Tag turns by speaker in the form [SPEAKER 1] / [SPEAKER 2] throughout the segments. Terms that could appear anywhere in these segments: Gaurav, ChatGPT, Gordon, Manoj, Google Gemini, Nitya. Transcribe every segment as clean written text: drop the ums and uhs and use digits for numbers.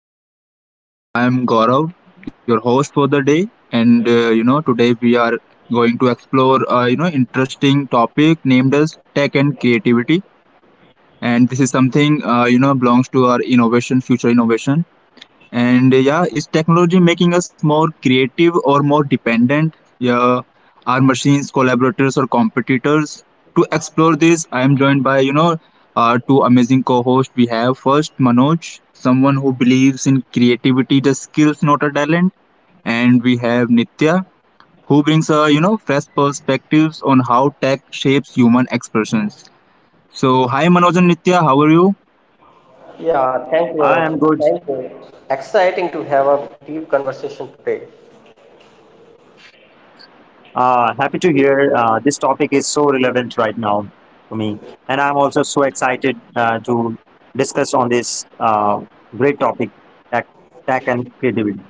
[SPEAKER 1] Of Riverside. I am Gaurav, your host for the day, and today we are going to explore interesting topic named as tech and creativity, and this is something belongs to our innovation, future innovation, and yeah, is technology making us more creative or more dependent? Yeah, are machines collaborators or competitors? To explore this, I am joined by two amazing co-hosts. We have first Manoj, someone who believes in creativity, the skills, not a talent, and we have Nitya, who brings a fresh perspectives on how tech shapes human expressions. So, hi Manoj and Nitya, how are you?
[SPEAKER 2] Yeah, thank you,
[SPEAKER 3] I am
[SPEAKER 2] Gaurav.
[SPEAKER 3] good.
[SPEAKER 2] Thank you. Exciting to have a deep conversation today.
[SPEAKER 3] Happy to hear this topic is so relevant right now to me, and I'm also so excited to discuss on this great topic, tech, tech and creativity.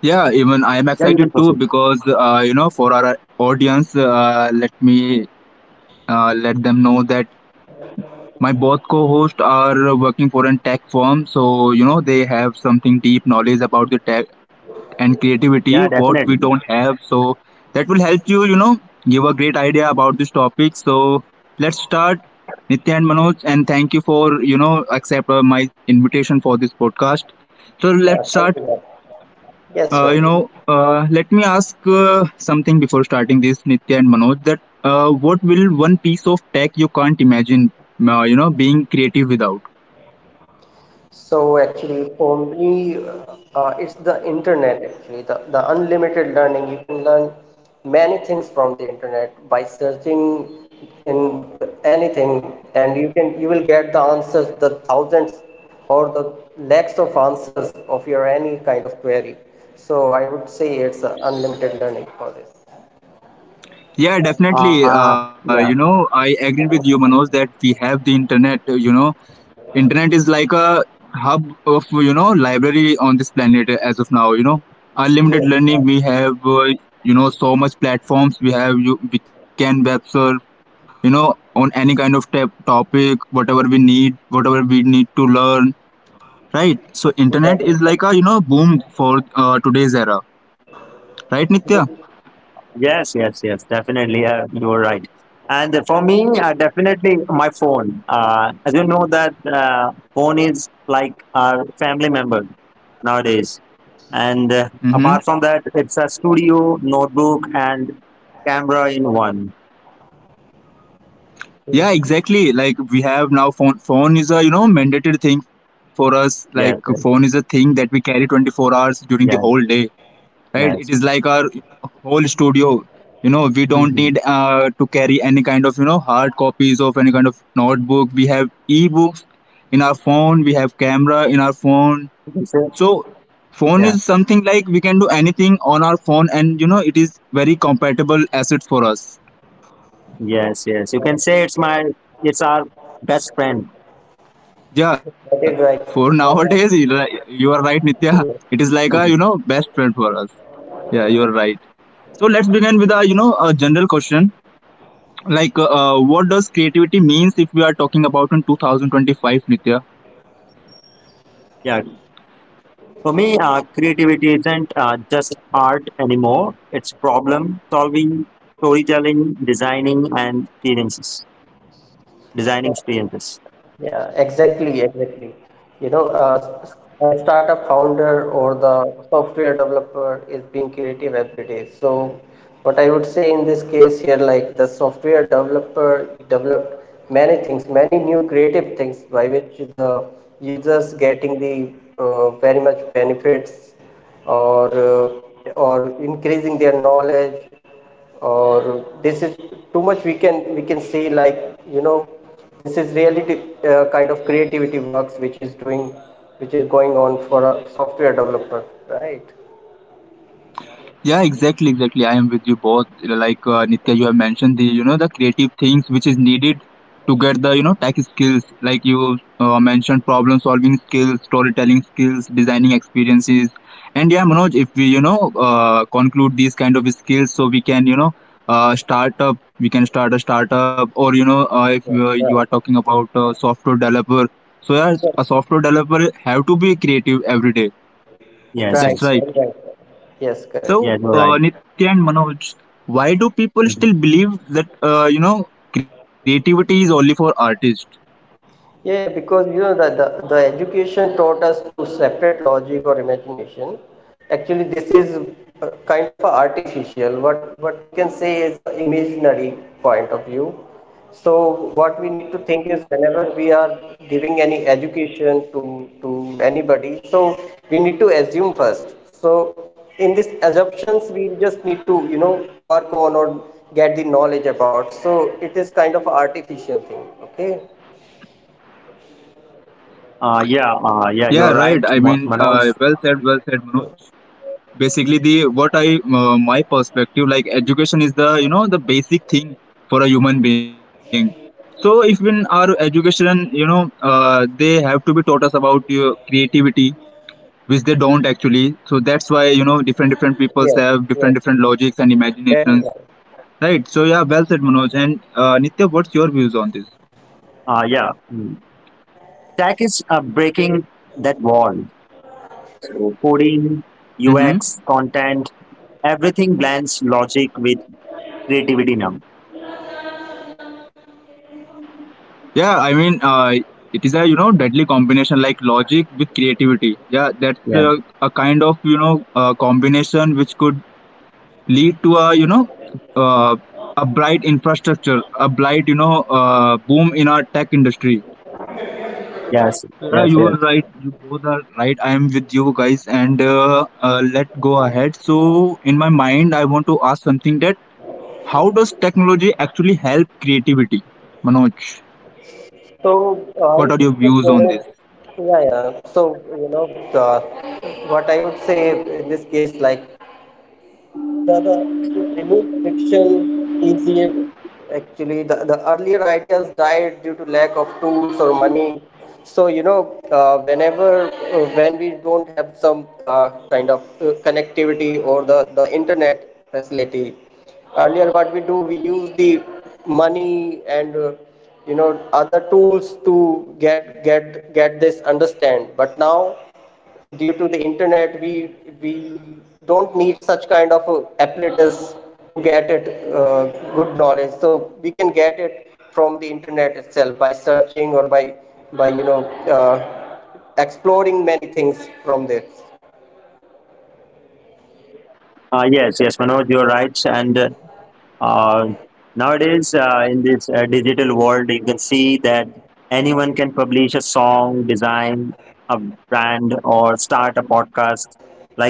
[SPEAKER 1] Yeah, even I am
[SPEAKER 3] Yeah, you
[SPEAKER 1] excited
[SPEAKER 3] can
[SPEAKER 1] too
[SPEAKER 3] proceed.
[SPEAKER 1] because for our audience, let me let them know that my both co-hosts are working for a tech firm, so you know they have something deep knowledge about the tech and creativity
[SPEAKER 3] Yeah,
[SPEAKER 1] what we
[SPEAKER 3] definitely.
[SPEAKER 1] don't have. So that will help you, you know, give a great idea about this topic. So let's start, Nitya and Manoj, and thank you for accept my invitation for this podcast. So
[SPEAKER 2] Yeah,
[SPEAKER 1] let's start
[SPEAKER 2] thank you, Gaurav. Yes, sure.
[SPEAKER 1] let me ask something before starting this, Nitya and Manoj. That what will one piece of tech you can't imagine, being creative without?
[SPEAKER 2] So actually, for me, it's the internet actually, the unlimited learning. You can learn many things from the internet by searching in anything, and you will get the answers, the thousands or the lakhs of answers of your any kind of query. So I would say it's unlimited learning for this.
[SPEAKER 1] Yeah,
[SPEAKER 3] Uh,
[SPEAKER 1] definitely.
[SPEAKER 3] yeah.
[SPEAKER 1] I agree with you, Manoj, that we have the internet. You know, internet is like a hub of library on this planet as of now. You know, unlimited learning.
[SPEAKER 2] Yes.
[SPEAKER 1] We have you know so much platforms. We have you. We can web surf you know on any kind of tap topic whatever we need to learn, right? So internet
[SPEAKER 2] That
[SPEAKER 1] is
[SPEAKER 2] is
[SPEAKER 1] like
[SPEAKER 2] that
[SPEAKER 1] a boom for today's era, right Nitya?
[SPEAKER 2] is
[SPEAKER 3] Yes, yes, yes, definitely. Yeah, you are right. And for me, definitely my phone. As you know that phone is like our family member nowadays. And
[SPEAKER 1] Mm-hmm.
[SPEAKER 3] apart from that, it's a studio, notebook, and camera in one.
[SPEAKER 1] Yeah, exactly, like we have now phone is a mandated thing for us. Like phone is
[SPEAKER 3] Yes,
[SPEAKER 1] a
[SPEAKER 3] yes,
[SPEAKER 1] thing that we carry 24 hours during the whole day,
[SPEAKER 3] yes,
[SPEAKER 1] right? It is like our
[SPEAKER 3] yes.
[SPEAKER 1] whole studio. You know, we don't need
[SPEAKER 3] Hmm.
[SPEAKER 1] to carry any kind of hard copies of any kind of notebook. We have e-books in our phone. We have camera in our phone.
[SPEAKER 3] You can say,
[SPEAKER 1] So phone
[SPEAKER 3] yeah,
[SPEAKER 1] is something like we can do anything on our phone, and you know it is very compatible asset for us.
[SPEAKER 3] yes, yes. You can say it's my, it's our best friend.
[SPEAKER 2] That
[SPEAKER 1] Yeah,
[SPEAKER 2] is right.
[SPEAKER 1] for nowadays you are right, Nitya. It is like a
[SPEAKER 3] Mhm.
[SPEAKER 1] best friend for us. Yeah, you are right. So let's begin with a a general question. Like what does creativity means if we are talking about in 2025, Nitya?
[SPEAKER 3] Yeah. For me, creativity isn't just art anymore. It's problem solving, storytelling, designing, and experiences. Designing experiences.
[SPEAKER 2] Yeah, exactly, exactly. You know, a startup founder or the software developer is being creative every day. So, what I would say in this case here, like the software developer developed many things, many new creative things by which the users getting the very much benefits or increasing their knowledge or this is too much we can say like you know this is really kind of creativity works which is doing which is going on for a software developer, right?
[SPEAKER 1] Yeah, exactly, exactly. I am with you both. Like Nitya, you have mentioned the the creative things which is needed to get the tech skills. Like you mentioned, problem solving skills, storytelling skills, designing experiences, and yeah, Manoj, if we conclude these kind of skills, so we can start up. We can start a startup, or if
[SPEAKER 2] Yeah,
[SPEAKER 1] you are
[SPEAKER 2] right.
[SPEAKER 1] talking about software developer. So yeah, a software developer have to be creative every day.
[SPEAKER 3] Yes,
[SPEAKER 1] That's right.
[SPEAKER 3] yes.
[SPEAKER 2] Right. Yes, correct.
[SPEAKER 1] So,
[SPEAKER 3] Yeah, you're right.
[SPEAKER 1] Nitya and Manoj, why do people still
[SPEAKER 3] Mhm.
[SPEAKER 1] believe that creativity is only for artists?
[SPEAKER 2] Yeah, yeah, because you know that the education taught us to separate logic or imagination. Actually, this is kind of a artificial. What we can say is a imaginary point of view. So what we need to think is whenever we are giving any education to anybody, so we need to assume first. So in these assumptions, we just need to you know work on or get the knowledge about. So it is kind of a artificial thing. Okay.
[SPEAKER 3] Yeah,
[SPEAKER 1] Yeah,
[SPEAKER 3] you're right,
[SPEAKER 1] right. I mean,
[SPEAKER 3] Manoj.
[SPEAKER 1] well said,
[SPEAKER 2] Hmm.
[SPEAKER 1] basically, the what I my perspective like education is the the basic thing for a human being. So, if in our education, they have to be taught us about your creativity, which they don't actually. So that's why you know different peoples
[SPEAKER 2] Yes,
[SPEAKER 1] have
[SPEAKER 2] yes,
[SPEAKER 1] different
[SPEAKER 2] yes,
[SPEAKER 1] logics and
[SPEAKER 2] that is
[SPEAKER 1] imaginations.
[SPEAKER 2] right.
[SPEAKER 1] Right. So yeah, well said, Manoj. And Nitya, what's your views on this?
[SPEAKER 3] Uh, yeah. mm. Tech is breaking that wall. So, coding,
[SPEAKER 1] Mm-hmm.
[SPEAKER 3] UX, content, everything blends logic with creativity now.
[SPEAKER 1] Yeah, I mean, it is a deadly combination like logic with creativity. Yeah, that's
[SPEAKER 3] Yes,
[SPEAKER 1] a kind of combination which could lead to a uh, a bright infrastructure, a bright boom in our tech industry.
[SPEAKER 3] yes,
[SPEAKER 1] So, yeah,
[SPEAKER 3] yes,
[SPEAKER 1] you are
[SPEAKER 3] yes.
[SPEAKER 1] right. You both are right. I am with you guys, and let go ahead. So, in my mind, I want to ask something that, how technology actually help creativity? Manoj,
[SPEAKER 2] So,
[SPEAKER 1] what are
[SPEAKER 2] in
[SPEAKER 1] your
[SPEAKER 2] this case,
[SPEAKER 1] views on
[SPEAKER 2] there
[SPEAKER 1] this?
[SPEAKER 2] are, yeah, yeah. So, you know, uh, what I would say in this case, like the it removed friction easier. Actually, the earlier ideas died due to lack of tools or money. So, you know, when we don't have some kind of connectivity or the internet facility, earlier what we do, we use the money and you know other tools to get this understand. But now due to the internet we don't need such kind of apparatus to get it uh, good knowledge, so we can get it from the internet itself by searching or by you know uh, exploring many things from there.
[SPEAKER 3] Yes, yes, Manoj, you're right. And uh, nowadays, in this digital world, you can see that anyone can publish a song, design a brand, or start a podcast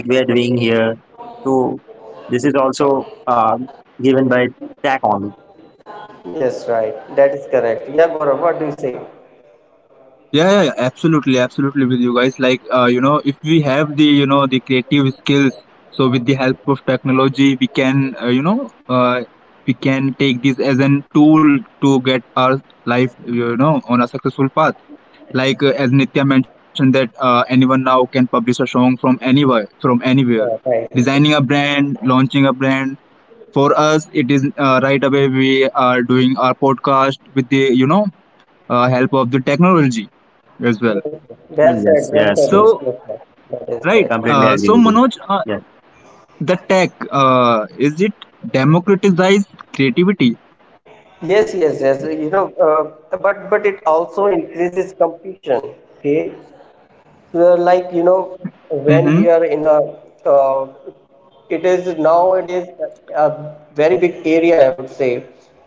[SPEAKER 3] like we are doing here. So, this is also given by tech only.
[SPEAKER 2] Yes, right, that is correct. Yeah, Gaurav, what do you say?
[SPEAKER 1] Yeah, yeah, yeah, absolutely, with you guys. Like, you know, if we have the, you know, the creative skills, so with the help of technology, we can, we can take this as an tool to get our life, you know, on a successful path. Like as Nitya mentioned that anyone now can publish a song from anywhere, from anywhere.
[SPEAKER 2] Yeah, right,
[SPEAKER 1] Designing a brand, launching a brand, for us it is right away we are doing our podcast with the help of the technology as well.
[SPEAKER 2] well
[SPEAKER 3] Mm,
[SPEAKER 2] said, well
[SPEAKER 3] yes, yes,
[SPEAKER 2] said,
[SPEAKER 1] So
[SPEAKER 3] yes.
[SPEAKER 2] yes, sir. That is
[SPEAKER 1] right,
[SPEAKER 2] correct.
[SPEAKER 3] Completely
[SPEAKER 1] so
[SPEAKER 3] agree with
[SPEAKER 1] Manoj,
[SPEAKER 3] you. Yeah,
[SPEAKER 1] the tech is it democratize creativity?
[SPEAKER 2] Yes, yes, yes. You know, but it also increases competition. Okay, so, like you know,
[SPEAKER 1] Mm-hmm.
[SPEAKER 2] when we are in a, uh, it is now it is a very big area. I would say,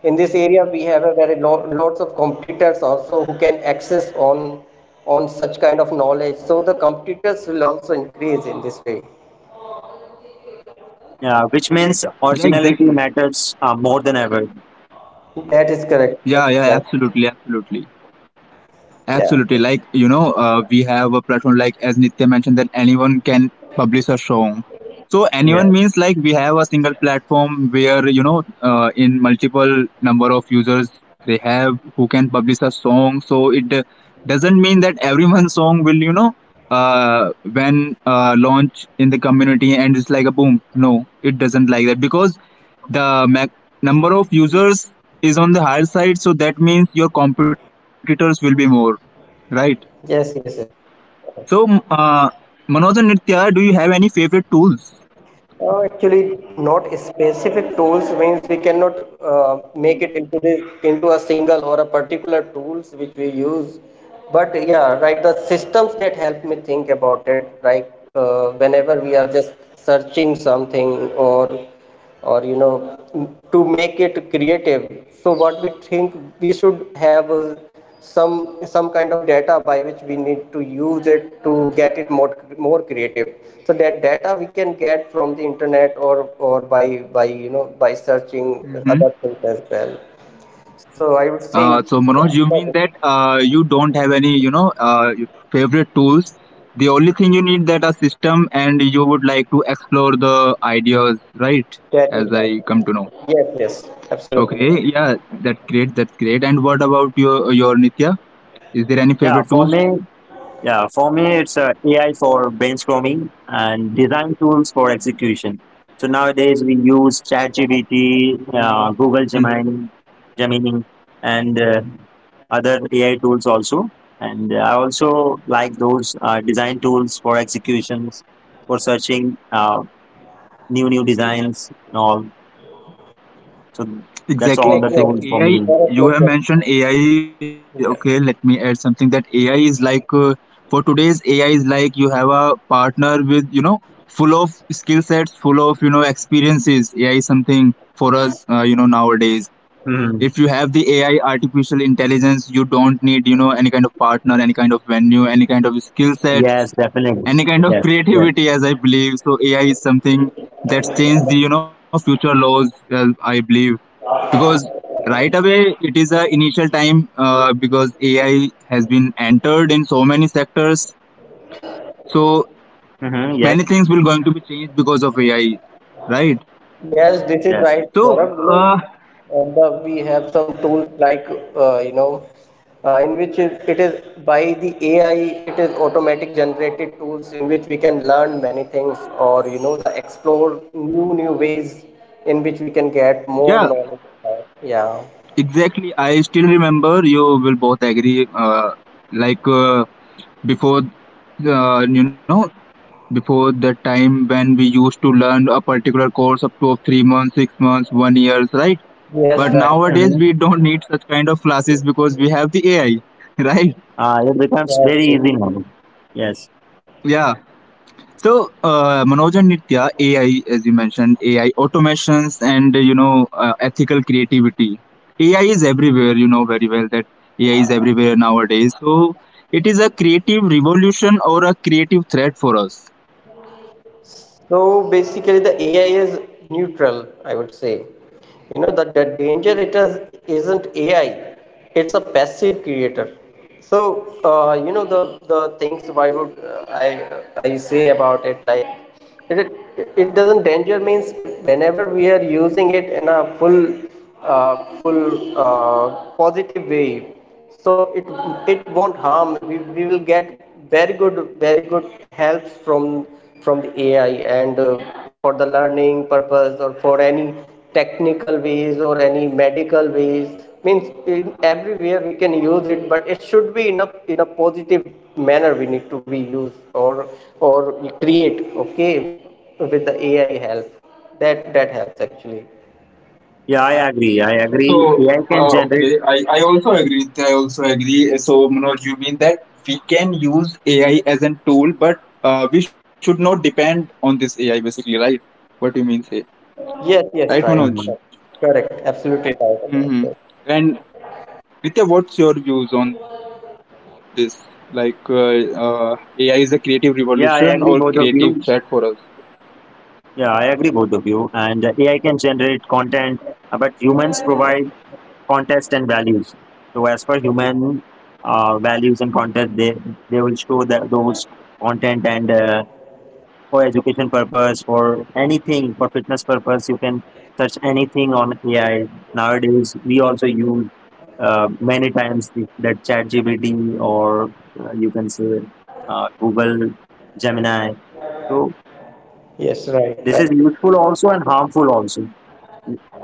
[SPEAKER 2] in this area we have a very lo lots of competitors also who can access on such kind of knowledge. So the competitors will also increase in this way.
[SPEAKER 3] yeah. Which means
[SPEAKER 1] Yeah,
[SPEAKER 3] originality
[SPEAKER 1] exactly.
[SPEAKER 3] matters more than ever.
[SPEAKER 2] That is correct. That's
[SPEAKER 1] Yeah, yeah,
[SPEAKER 2] right.
[SPEAKER 1] absolutely,
[SPEAKER 2] Yeah.
[SPEAKER 1] absolutely. Like, you know, we have a platform like, as Nitya mentioned, that anyone can publish a song. So,
[SPEAKER 3] Yeah,
[SPEAKER 1] anyone means like we have a single platform where, in multiple number of users they have who can publish a song. So, it doesn't mean that everyone's song will, when launch in the community and it's like a boom. No, it doesn't like that because the mac- number of users is on the higher side. So, that means your competitors will be more. Right.
[SPEAKER 2] Yes. Yes. Yes.
[SPEAKER 1] So, Manoj and Nitya, do you have any favorite tools?
[SPEAKER 2] Actually, not specific tools means we cannot make it into this into a single or a particular tools which we use. But yeah, right, the systems that help me think about it, like whenever we are just searching something or you know to make it creative so what we think we should have some kind of data by which we need to use it to get it more creative, so that data we can get from the internet or by you know by searching
[SPEAKER 1] Mm-hmm.
[SPEAKER 2] other things as well, so I would say
[SPEAKER 1] So, Manoj,
[SPEAKER 2] yeah
[SPEAKER 1] you mean that you don't have any, your favorite tools. The only thing you need that a system, and you would like to explore the ideas, right?
[SPEAKER 2] that is
[SPEAKER 1] As
[SPEAKER 2] right.
[SPEAKER 1] I come to know.
[SPEAKER 2] Yes, yes, absolutely
[SPEAKER 1] Okay.
[SPEAKER 2] right.
[SPEAKER 1] Yeah. That's great. That's great. And what about your Nitya? Is there any
[SPEAKER 3] yeah.
[SPEAKER 1] favorite
[SPEAKER 3] For
[SPEAKER 1] tools?
[SPEAKER 3] me, yeah, for me, it's AI for brainstorming and design tools for execution. So nowadays we use ChatGPT, Google Gemini,
[SPEAKER 1] Mhm.
[SPEAKER 3] Gemini, and other AI tools also. And I also like those design tools for executions, for searching new designs and all. So that's all
[SPEAKER 2] Yes,
[SPEAKER 3] the
[SPEAKER 1] Exactly,
[SPEAKER 2] yes,
[SPEAKER 3] tools for
[SPEAKER 1] exactly.
[SPEAKER 3] me.
[SPEAKER 1] AI,
[SPEAKER 2] that is my
[SPEAKER 1] you
[SPEAKER 2] question.
[SPEAKER 1] have mentioned AI. Okay, let
[SPEAKER 2] Yeah.
[SPEAKER 1] me add something that AI is like for today's, AI is like you have a partner with, you know, full of skill sets, full of, you know, experiences. AI is something for us, nowadays,
[SPEAKER 3] Hmm.
[SPEAKER 1] if you have the AI, artificial intelligence, you don't need you know any kind of partner, any kind of venue, any kind of skill
[SPEAKER 3] Yes,
[SPEAKER 1] sets,
[SPEAKER 3] definitely.
[SPEAKER 1] any kind of
[SPEAKER 3] Yes, yes.
[SPEAKER 1] creativity, as I believe. So AI is something that's changed the future laws, I believe, because right away it is a initial time because AI has been entered in so many sectors, so
[SPEAKER 3] Hmm. Yes,
[SPEAKER 1] many things will going to be changed because of AI, right?
[SPEAKER 2] Yes, this is
[SPEAKER 3] yes.
[SPEAKER 2] right,
[SPEAKER 1] So
[SPEAKER 2] Gaurav. You know,
[SPEAKER 1] uh,
[SPEAKER 2] the, we have some tools like, you know, in which it is by the AI, it is automatic generated tools in which we can learn many things or, you know, the explore new ways in which we can get more
[SPEAKER 1] yeah,
[SPEAKER 2] knowledge about. Yeah.
[SPEAKER 1] exactly. I still remember you will both agree. Like uh, Before, uh, you know, before the time when we used to learn a particular course up to 3 months, 6 months, 1 years, right? But
[SPEAKER 2] Yes, right, right.
[SPEAKER 1] nowadays
[SPEAKER 3] Hmm.
[SPEAKER 1] we don't need such kind of classes because we have the AI, right?
[SPEAKER 3] It becomes
[SPEAKER 2] Yes,
[SPEAKER 3] very
[SPEAKER 2] this
[SPEAKER 3] easy
[SPEAKER 2] is.
[SPEAKER 3] now. Yes.
[SPEAKER 1] Yeah. So, Manoj and Nitya, AI, as you mentioned, AI automations and ethical creativity. AI is everywhere. You know very well that AI is everywhere nowadays. So, it is a creative revolution or a creative threat for us.
[SPEAKER 2] So basically, the AI is neutral, I would say. You know that the danger it is isn't AI; it's a passive creator. So you know the things why would I say about it, like it doesn't danger means whenever we are using it in a full uh, full positive way, so it it won't harm, we will get very good very good help from the AI, and for the learning purpose or for any technical ways or any medical ways means in everywhere we can use it, but it should be in a positive manner we need to be used or or create, okay, with the AI help that that helps actually.
[SPEAKER 3] Yeah, I agree. I
[SPEAKER 1] So,
[SPEAKER 3] agree. AI can
[SPEAKER 1] okay,
[SPEAKER 3] generate.
[SPEAKER 1] I also agree. So, Manoj, you mean that we can use AI as a tool, but we should not depend on this AI, basically, right? What you mean, say,
[SPEAKER 2] Yes,
[SPEAKER 1] right,
[SPEAKER 2] yes,
[SPEAKER 3] Mhm.
[SPEAKER 2] right,
[SPEAKER 1] Manoj?
[SPEAKER 2] correct, absolutely right
[SPEAKER 1] Mm-hmm.
[SPEAKER 2] about that.
[SPEAKER 1] And Nitya, what's your views on this? Like, AI is a creative revolution or creative threat
[SPEAKER 3] Yeah,
[SPEAKER 1] for
[SPEAKER 3] I
[SPEAKER 1] us?
[SPEAKER 3] agree, both of you. Yeah, I agree, both of you. And AI can generate content, but humans provide context and values. So, as per human values and content, they will show that those content and for education purpose, for anything, for fitness purpose. You can search anything on AI. Nowadays, we also use many times that ChatGPT or you can say Google Gemini. So
[SPEAKER 2] Yes, right,
[SPEAKER 3] this
[SPEAKER 2] right.
[SPEAKER 3] is useful also and harmful also.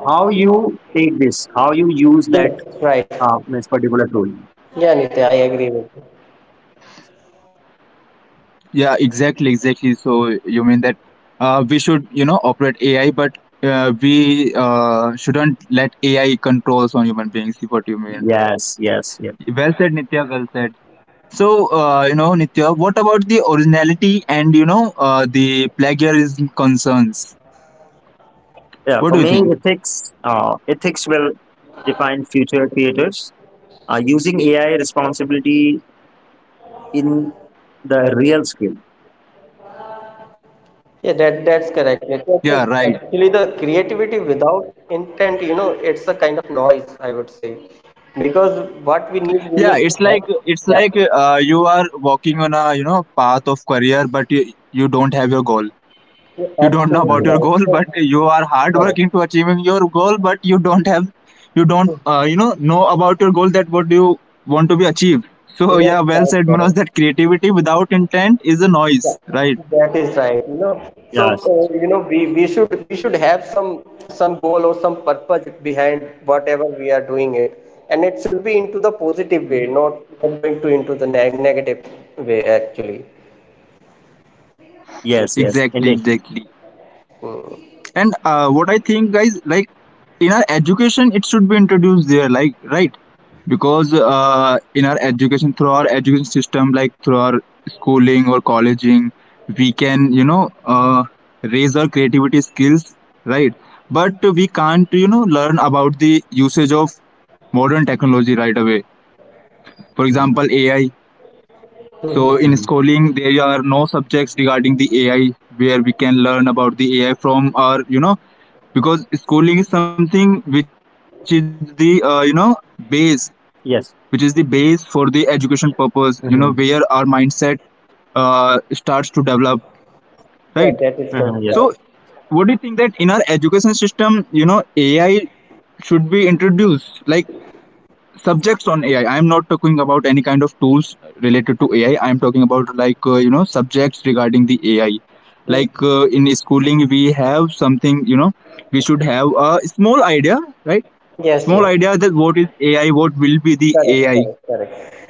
[SPEAKER 3] How you take this? How you use that
[SPEAKER 2] Yes, right.
[SPEAKER 3] uh, this particular tool?
[SPEAKER 2] Yeah, Nitya, I agree with you.
[SPEAKER 1] Yeah, exactly, exactly. So you mean that we should, you know, operate AI, but we shouldn't let AI controls on human beings. Is What you mean?
[SPEAKER 3] Yes, yes, yes.
[SPEAKER 1] Well said, Nitya. Well said. So Nitya, what about the originality and the plagiarism concerns?
[SPEAKER 3] Yeah,
[SPEAKER 1] What do
[SPEAKER 3] for
[SPEAKER 1] you
[SPEAKER 3] me,
[SPEAKER 1] think?
[SPEAKER 3] ethics. Ethics will define future creators. Using AI responsibility in the real skill.
[SPEAKER 2] Yeah, that that's correct, Nitya.
[SPEAKER 1] Yeah,
[SPEAKER 2] So,
[SPEAKER 1] right.
[SPEAKER 2] actually, the creativity without intent, you know, it's a kind of noise, I would say, because what we need
[SPEAKER 1] Yeah,
[SPEAKER 2] to
[SPEAKER 1] it's
[SPEAKER 2] have.
[SPEAKER 1] like
[SPEAKER 2] Yeah,
[SPEAKER 1] you are walking on a path of career, but you don't have your goal.
[SPEAKER 2] you're
[SPEAKER 1] You don't know
[SPEAKER 2] absolutely
[SPEAKER 1] about your
[SPEAKER 2] right.
[SPEAKER 3] Mhm.
[SPEAKER 1] goal,
[SPEAKER 2] So,
[SPEAKER 1] but you are hard
[SPEAKER 2] correct.
[SPEAKER 1] working to achieving your goal, but you don't
[SPEAKER 2] Hmm.
[SPEAKER 1] know about your goal, that what do you want to be achieved. So
[SPEAKER 2] Yes,
[SPEAKER 1] yeah, well
[SPEAKER 2] right,
[SPEAKER 1] said, Manoj.
[SPEAKER 2] correct.
[SPEAKER 1] That creativity without intent is a noise,
[SPEAKER 2] Yeah,
[SPEAKER 1] right?
[SPEAKER 2] that is right. You know, so
[SPEAKER 3] Yes,
[SPEAKER 2] you know, we should have some goal or some purpose behind whatever we are doing it, and it should be into the positive way, not not going to into the negative way actually.
[SPEAKER 3] yes, yes,
[SPEAKER 1] Exactly,
[SPEAKER 3] indeed.
[SPEAKER 1] exactly.
[SPEAKER 2] Mm.
[SPEAKER 1] and What I think, guys, like in our education it should be introduced there, like, right? Because in our education, through our education system, like through our schooling or colleging, we can raise our creativity skills, right? But we can't, you know, learn about the usage of modern technology right away. For
[SPEAKER 3] Mhm.
[SPEAKER 1] example, AI.
[SPEAKER 2] Hmm.
[SPEAKER 1] So in
[SPEAKER 3] Mhm.
[SPEAKER 1] schooling, there are no subjects regarding the AI where we can learn about the AI from, or you know, because schooling is something which is the base, which is the
[SPEAKER 3] Yes,
[SPEAKER 1] base for the education purpose, you know, where our
[SPEAKER 3] mhm.
[SPEAKER 1] mindset starts to develop, right?
[SPEAKER 2] Yeah, that is correct.
[SPEAKER 3] Mhm.
[SPEAKER 1] So
[SPEAKER 3] Yes,
[SPEAKER 2] Right.
[SPEAKER 1] what do you think that in our education system, you know, AI should be introduced, like subjects on AI. I am not talking about any kind of tools related to AI. I am talking about, like, you know, subjects regarding the AI. Like, in schooling, we have something, you know, we should have a small idea, right?
[SPEAKER 2] Yes, yes,
[SPEAKER 1] Small
[SPEAKER 2] yes.
[SPEAKER 1] idea that what is AI, what will be the
[SPEAKER 2] Correct,
[SPEAKER 1] AI,
[SPEAKER 2] correct, correct.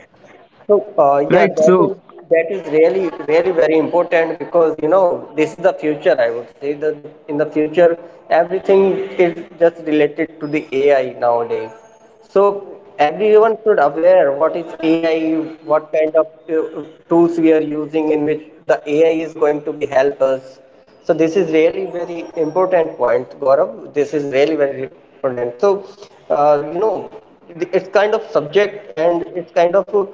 [SPEAKER 2] So, yeah,
[SPEAKER 1] right? So
[SPEAKER 2] that is really really very important because you know this is the future. I would say that the, in the future everything is just related to the AI nowadays. So everyone should aware what is AI, what kind of tools we are using, in which the AI is going to be help us. So this is really very important point, Gaurav. This is really very important. So you know, it's kind of subject, and it's kind of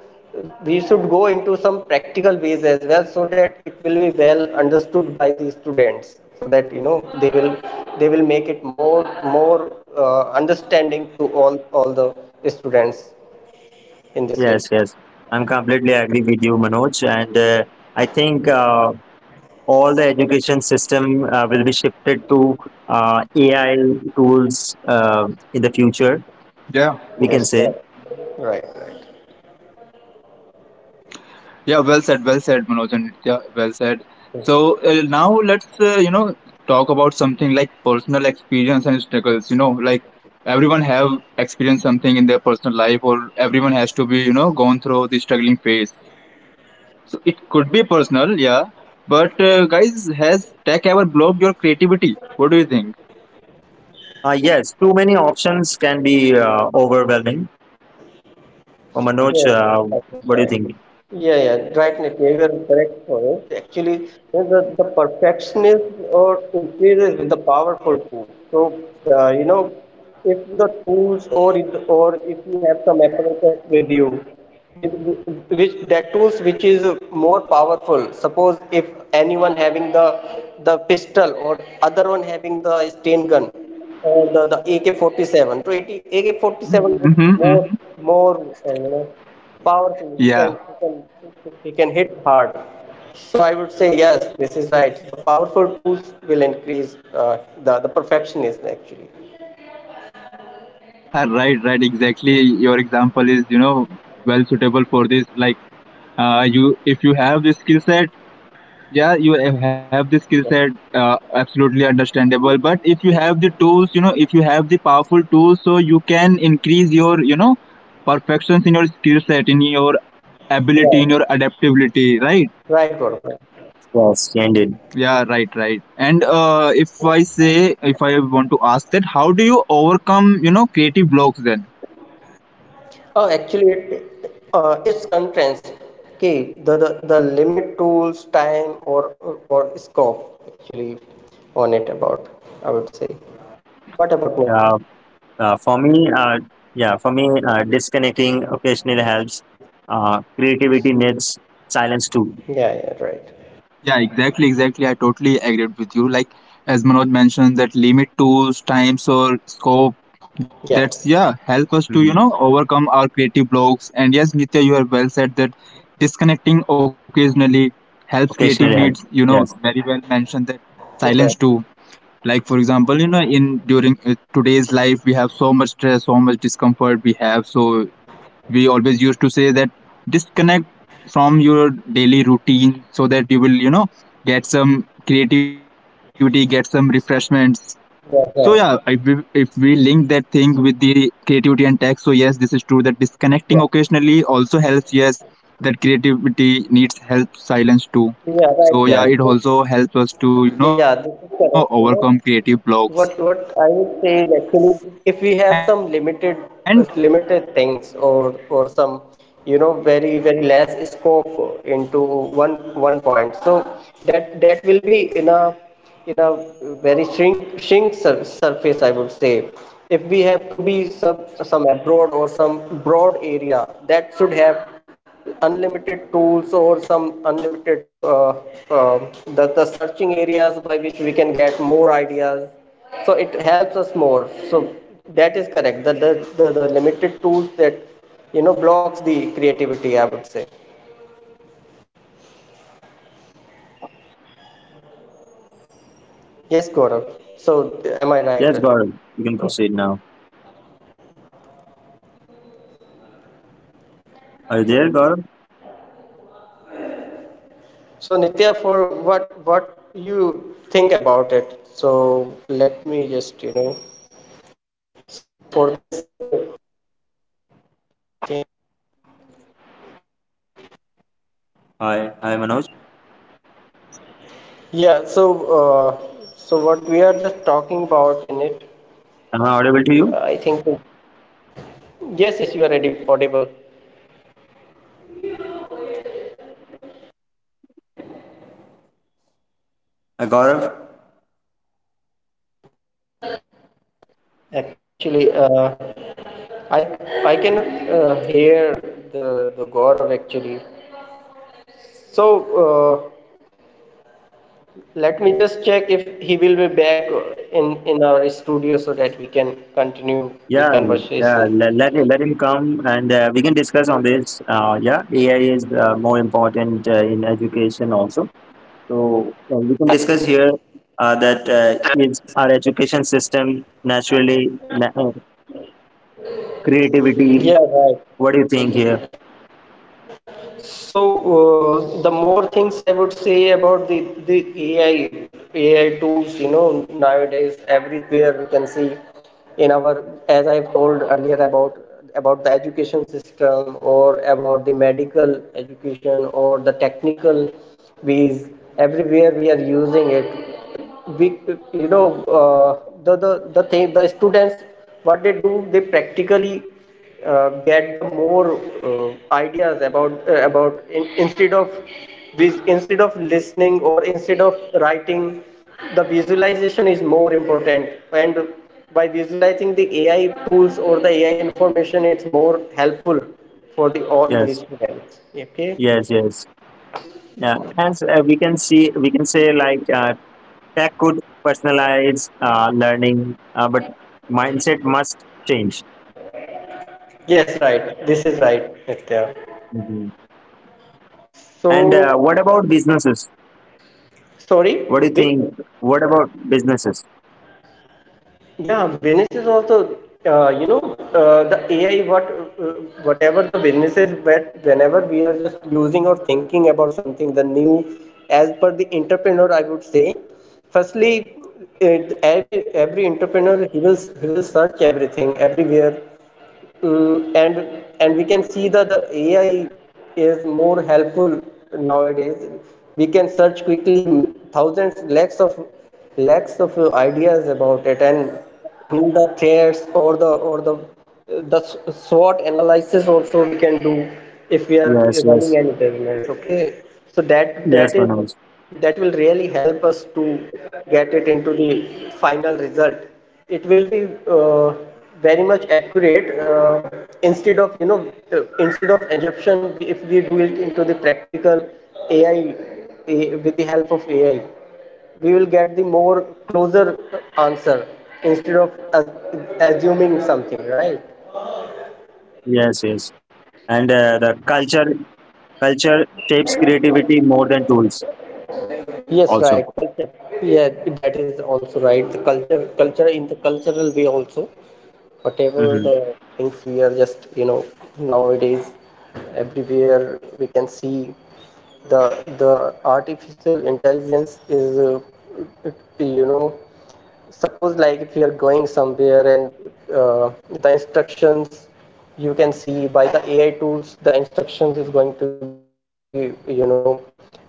[SPEAKER 2] we should go into some practical ways as well, so that it will be well understood by the students, so that you know they will make it more understanding to all the students in this way.
[SPEAKER 3] yes, yes. I'm completely agree with you, Manoj, and I think all the education system will be shifted to AI tools in the future.
[SPEAKER 1] yeah.
[SPEAKER 3] We can
[SPEAKER 2] Yes,
[SPEAKER 3] say,
[SPEAKER 2] right, right, right.
[SPEAKER 1] Yeah, well said, Manoj and Nitya, well said. So now let's, you know, talk about something like personal experience and struggles. You know, like everyone have experienced something in their personal life, or everyone has to be, you know, gone through the struggling phase. So it could be personal, yeah. But guys, has tech ever blocked your creativity? What do you think?
[SPEAKER 3] yes, too many options can be overwhelming. Manoj,
[SPEAKER 2] Yeah, that is
[SPEAKER 3] what do you
[SPEAKER 2] right.
[SPEAKER 3] think?
[SPEAKER 2] Yeah, yeah, right, Nitya, you are correct for it. Actually, you know, the perfectionist or increases with the powerful tools. So, you know, if the tools or it, or if you have some apparatus with you, with which that tools which is more powerful. Suppose if anyone having the pistol or other one having the stain gun or the AK-47. So, it, AK-47 would be
[SPEAKER 1] Mm-hmm, mm-hmm.
[SPEAKER 2] more you know powerful. He can
[SPEAKER 1] Yeah,
[SPEAKER 2] he can he can hit hard. So I would say yes, this is right. The powerful tools will increase the perfectionism actually.
[SPEAKER 1] yeah, right, right, exactly. Your example is, you know, well suitable for this. Like, you if you have this skill set, yeah, you have the skill set, absolutely understandable, but if you have the tools, you know, if you have the powerful tools, so you can increase your, you know, perfections in your skill set, in your ability,
[SPEAKER 2] Right.
[SPEAKER 1] in your adaptability, right?
[SPEAKER 2] Right, Gaurav.
[SPEAKER 3] Yes, indeed.
[SPEAKER 1] Yeah, right, right, and if I say, if I want to ask, that how do you overcome, you know, creative blocks then?
[SPEAKER 2] Oh, actually, it it's condensed. Okay, the limit tools, time, or scope actually on it about. I would say. What about me?
[SPEAKER 3] Uh, for me, yeah, for me, disconnecting occasionally helps. Creativity needs silence too.
[SPEAKER 2] Yeah, yeah, right.
[SPEAKER 1] Yeah, exactly, exactly. I totally agreed with you. Like, as Manoj mentioned, that limit tools, times or scope. That's, yeah,
[SPEAKER 2] Yeah,
[SPEAKER 1] help us to you know overcome
[SPEAKER 3] Mhm.
[SPEAKER 1] our creative blocks. And yes, Nitya, you have well said that disconnecting occasionally helps creative needs. You know,
[SPEAKER 3] Occasionally helps.
[SPEAKER 1] very well
[SPEAKER 3] Yes,
[SPEAKER 1] mentioned that silence too.
[SPEAKER 2] you're right.
[SPEAKER 1] Like, for example, you know, in during today's life we have so much stress, so much discomfort we have. So we always used to say that disconnect from your daily routine so that you will, you know, get some creativity, get some refreshments. So yeah,
[SPEAKER 2] Yeah,
[SPEAKER 1] if we
[SPEAKER 2] right.
[SPEAKER 1] link that thing with the creativity and tech, so yes, this is true that disconnecting occasionally
[SPEAKER 2] Yeah,
[SPEAKER 1] also helps, yes, that creativity needs help silence too. So yeah, it
[SPEAKER 2] yeah, right,
[SPEAKER 1] also
[SPEAKER 2] Gaurav.
[SPEAKER 1] helps
[SPEAKER 2] So
[SPEAKER 1] us
[SPEAKER 3] yes,
[SPEAKER 1] to you know overcome
[SPEAKER 2] yeah, this
[SPEAKER 1] creative
[SPEAKER 2] is
[SPEAKER 1] blocks.
[SPEAKER 2] correct. You know, what I would say
[SPEAKER 1] And
[SPEAKER 2] is actually, if we have some limited limited things or some you know very less scope into one one point, so that that will be in a in a very shrink surface I would say. If we have to be some abroad or some broad area, that should have unlimited tools or some unlimited uh, the searching areas by which we can get more ideas, so it helps us more, so that is correct, the limited tools that you know blocks the creativity, I would say. Yes, Gaurav, so am I
[SPEAKER 3] yes,
[SPEAKER 2] right?
[SPEAKER 3] Gaurav. You can
[SPEAKER 2] Oh.
[SPEAKER 3] proceed now. Are you there, Gaurav?
[SPEAKER 2] So Nitya, for what you think about it, so let me just you know so for this
[SPEAKER 3] Hi, hi, Manoj.
[SPEAKER 2] yeah, so so what we are just talking about in it, I
[SPEAKER 3] Am I
[SPEAKER 2] think.
[SPEAKER 3] audible to you?
[SPEAKER 2] Yes, yes, you are ready, audible.
[SPEAKER 3] Gaurav?
[SPEAKER 2] Actually, I I cannot hear the Gaurav actually. So uh, let me just check if he will be back in our studio so that we can continue the conversation.
[SPEAKER 3] Yeah, yeah. Let, let him come, and we can discuss on this. Yeah, AI is more important in education also. So we can discuss here that is our education system naturally
[SPEAKER 2] Yeah, right.
[SPEAKER 3] creativity. What do you think here?
[SPEAKER 2] So, the more things I would say about the AI, AI tools, you know, nowadays everywhere we can see in our, as I've told earlier about the education system or about the medical education or the technical ways, everywhere we are using it we you know uh, the thing the students what they do they practically get the more ideas about instead of instead of listening or instead of writing, the visualization is more important, and by visualizing the AI tools or the AI information it's more helpful for the all these
[SPEAKER 3] Yes,
[SPEAKER 2] students, okay.
[SPEAKER 3] yes, yes. Yeah, as we can see, we can say like tech could personalize learning, but mindset must change.
[SPEAKER 2] Yes, right, this is right, Nitya.
[SPEAKER 3] Mhm. And
[SPEAKER 2] So
[SPEAKER 3] what about businesses? What
[SPEAKER 2] sorry,
[SPEAKER 3] do you
[SPEAKER 2] Vic.
[SPEAKER 3] think? What about businesses?
[SPEAKER 2] Yeah, business is also, the AI, uh, whatever the business is. But whenever we are just using or thinking about something, the new, as per the entrepreneur, I would say, firstly, every entrepreneur, he will search everything everywhere. And we can see that the AI is more helpful nowadays. We can search quickly, thousands, lakhs of ideas about it, and in the threads, or the SWOT analysis also we can do if we are
[SPEAKER 3] Yes, yes,
[SPEAKER 2] running any business. Okay, so that
[SPEAKER 3] yes,
[SPEAKER 2] that is,
[SPEAKER 3] Manoj.
[SPEAKER 2] that will really help us to get it into the final result. It will be uh, very much accurate, instead of, instead of assumption. If we do it into the practical ai with the help of AI, we will get the more closer answer instead of as, assuming something, right?
[SPEAKER 3] Yes, yes. And the culture, culture shapes creativity more than tools
[SPEAKER 2] Yes, right,
[SPEAKER 3] also.
[SPEAKER 2] culture. Yeah, that is also right. The culture in the cultural way also, whatever the
[SPEAKER 3] Hmm.
[SPEAKER 2] things we are just, nowadays, everywhere we can see the the artificial intelligence is, it- you know suppose like if you are going somewhere and the instructions you can see by the AI tools, the instructions is going to be, uh,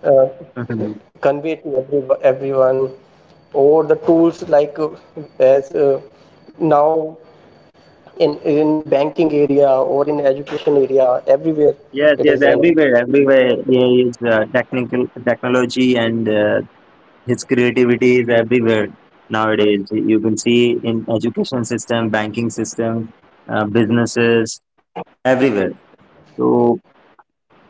[SPEAKER 3] Hmm.
[SPEAKER 2] convey to everyone, or the tools like, as now in banking area or in education area
[SPEAKER 3] Yes,
[SPEAKER 2] everywhere
[SPEAKER 3] yes, everywhere,
[SPEAKER 2] it is running.
[SPEAKER 3] everywhere there is technical, technology and his creativity is everywhere nowadays. You can see in education system, banking system, businesses, everywhere. So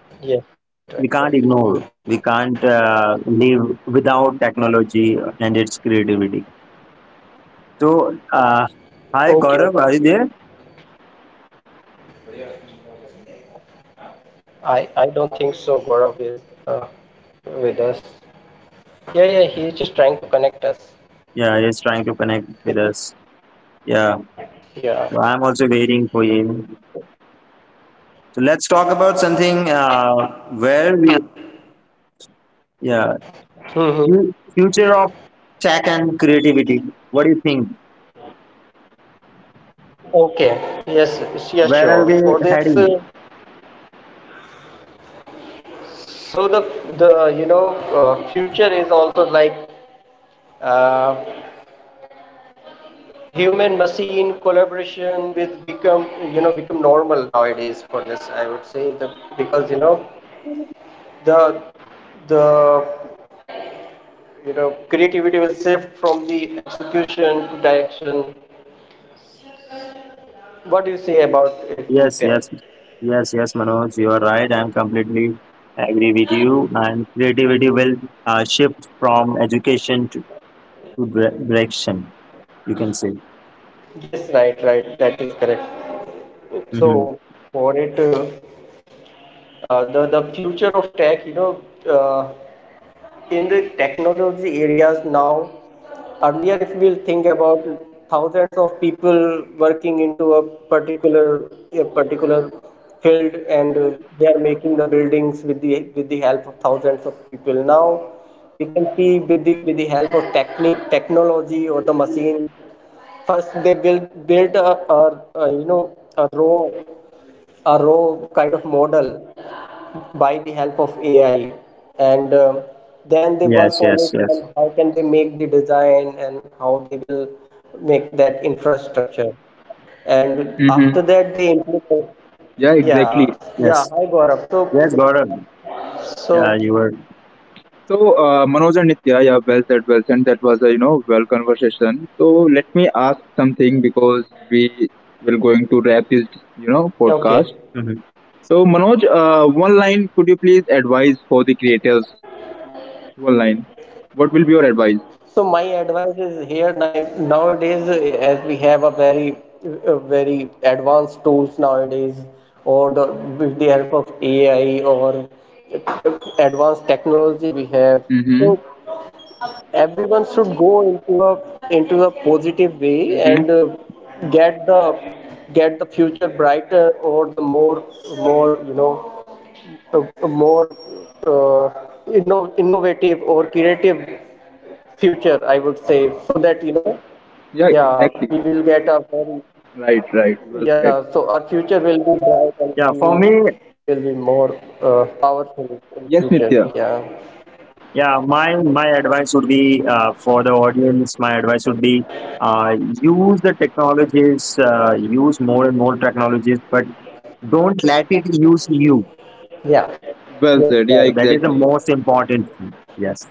[SPEAKER 2] Yes, right, right,
[SPEAKER 3] we can't
[SPEAKER 2] right.
[SPEAKER 3] ignore, we can't live without technology and its creativity. So uh, hi
[SPEAKER 2] Okay, okay.
[SPEAKER 3] Gaurav, are you there?
[SPEAKER 1] yeah, I'm there. I'm there.
[SPEAKER 2] I don't think so Gaurav is uh, with us. Yeah, yeah, he's just trying to connect us.
[SPEAKER 3] Yeah, he's trying to connect with us. Yeah, so
[SPEAKER 2] Yeah.
[SPEAKER 3] I'm also waiting for him. So let's talk about something where we, yeah,
[SPEAKER 2] Hmm.
[SPEAKER 3] future of tech and creativity. What do you think?
[SPEAKER 2] Okay. Yes, yes, yeah,
[SPEAKER 3] Where are we
[SPEAKER 2] sure. For this,
[SPEAKER 3] heading?
[SPEAKER 2] so the future is also like, uh, human machine collaboration with become, become normal nowadays. For this I would say, the because you know the the you know, creativity will shift from the execution to direction. What do you say about it,
[SPEAKER 3] Yes, yes,
[SPEAKER 2] Nitya?
[SPEAKER 3] yes, yes, Manoj, you are right. I'm completely agree with you. And creativity will shift from education to direction, you can say.
[SPEAKER 2] Yes,
[SPEAKER 1] Yeah,
[SPEAKER 2] right, right,
[SPEAKER 1] exactly,
[SPEAKER 2] that is
[SPEAKER 1] exactly.
[SPEAKER 2] correct.
[SPEAKER 1] And
[SPEAKER 2] So
[SPEAKER 3] Hmm.
[SPEAKER 1] guys,
[SPEAKER 2] for
[SPEAKER 1] if I
[SPEAKER 2] it,
[SPEAKER 1] want to ask both
[SPEAKER 2] the
[SPEAKER 1] of you,
[SPEAKER 2] future of tech,
[SPEAKER 1] like,
[SPEAKER 2] uh, in the technology
[SPEAKER 1] mm-hmm,
[SPEAKER 2] areas now, earlier if we'll think about thousands of people working into a particular, a particular field, and they are making the buildings with the, help of thousands of people. Now we can see with the, help of technique technology or the machine, first they build built a, a a row a raw kind of model by the help of AI, and then they
[SPEAKER 3] Yes,
[SPEAKER 2] work on
[SPEAKER 3] yes,
[SPEAKER 2] it.
[SPEAKER 3] yes,
[SPEAKER 2] Then how can they make the design, and how they will make that infrastructure,
[SPEAKER 1] mm-hmm.
[SPEAKER 2] and after that they
[SPEAKER 1] Yeah,
[SPEAKER 2] implement.
[SPEAKER 1] exactly.
[SPEAKER 2] Yeah, yeah.
[SPEAKER 3] yes,
[SPEAKER 2] Hi Gaurav.
[SPEAKER 3] yes, Gordon. Yeah,
[SPEAKER 2] So
[SPEAKER 3] you were.
[SPEAKER 1] So, Manoj and Nitya, yeah, well said, well said. That was a you know well conversation. So let me ask something because we will going to wrap this you know podcast.
[SPEAKER 2] okay.
[SPEAKER 3] Mm-hmm.
[SPEAKER 1] So Manoj, one line, could you please advise for the creators? One line. What will be your advice?
[SPEAKER 2] So my advice is here: nowadays, as we have a very, very advanced tools nowadays, or the with the help of
[SPEAKER 1] Mm-hmm.
[SPEAKER 2] AI or uh, advanced technology we have. So everyone should go into a,
[SPEAKER 1] Mm-hmm.
[SPEAKER 2] positive way and get the, get the future brighter, or the more, more you know uh, more uh, innovative or creative future, I would say. So that,
[SPEAKER 1] Yeah, exactly.
[SPEAKER 2] yeah, we will get a very,
[SPEAKER 1] Right, right. Well said.
[SPEAKER 2] yeah, so our future will be
[SPEAKER 3] Yeah,
[SPEAKER 2] bright,
[SPEAKER 3] for
[SPEAKER 2] and
[SPEAKER 3] me,
[SPEAKER 2] we will, we will be more powerful in
[SPEAKER 1] Yes,
[SPEAKER 2] future.
[SPEAKER 1] Nitya.
[SPEAKER 2] Yeah,
[SPEAKER 3] yeah, my advice would be for the audience. My advice would be use the technologies, use more and more technologies, but don't let it use you.
[SPEAKER 2] yeah,
[SPEAKER 1] Well
[SPEAKER 2] yes,
[SPEAKER 1] said. Yeah,
[SPEAKER 2] right,
[SPEAKER 3] So that is the
[SPEAKER 1] exactly.
[SPEAKER 3] most important thing. Yes,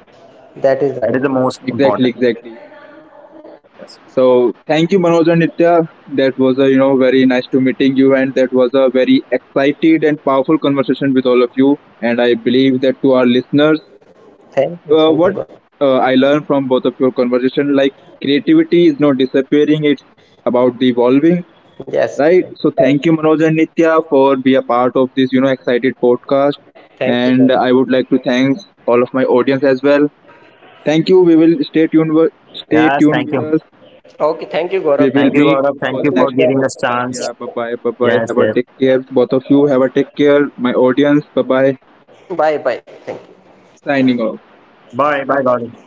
[SPEAKER 2] that is right.
[SPEAKER 3] that is the most
[SPEAKER 1] Exactly,
[SPEAKER 3] important.
[SPEAKER 1] exactly.
[SPEAKER 3] Yes.
[SPEAKER 1] So thank you, Manoj and Nitya. That was a you know very nice to meeting you, and that was a very excited and powerful conversation with all of you. And I believe that to our listeners,
[SPEAKER 2] Thank you, God.
[SPEAKER 1] what I learned from conversation, like creativity is not disappearing; it's about the evolving.
[SPEAKER 2] Yes,
[SPEAKER 1] Right. So
[SPEAKER 2] right.
[SPEAKER 1] thank you, Manoj and Nitya, for be a part of this, you know, excited podcast.
[SPEAKER 2] Thank you, God.
[SPEAKER 1] And I would like to thank all of my audience as well. Thank you. We will stay tuned. Stay
[SPEAKER 3] Yes.
[SPEAKER 1] tuned
[SPEAKER 3] Thank
[SPEAKER 1] with
[SPEAKER 3] you.
[SPEAKER 1] us.
[SPEAKER 2] Okay, thank you, Gaurav.
[SPEAKER 1] We will
[SPEAKER 2] Thank
[SPEAKER 3] Thank
[SPEAKER 2] you,
[SPEAKER 3] you,
[SPEAKER 1] meet
[SPEAKER 2] so
[SPEAKER 3] Gaurav. Thank
[SPEAKER 1] for
[SPEAKER 2] thank
[SPEAKER 1] the
[SPEAKER 3] you
[SPEAKER 2] you,
[SPEAKER 3] for
[SPEAKER 1] next
[SPEAKER 3] giving us
[SPEAKER 2] Nitya.
[SPEAKER 1] podcast.
[SPEAKER 3] chance.
[SPEAKER 1] Yeah. Bye bye. Bye bye.
[SPEAKER 3] Yes.
[SPEAKER 1] Have a
[SPEAKER 3] Yes.
[SPEAKER 1] take care. Both of you have a take care. My audience. Bye bye.
[SPEAKER 2] Bye, bye. Thank you.
[SPEAKER 1] Signing off.
[SPEAKER 3] Bye. Bye, Gaurav.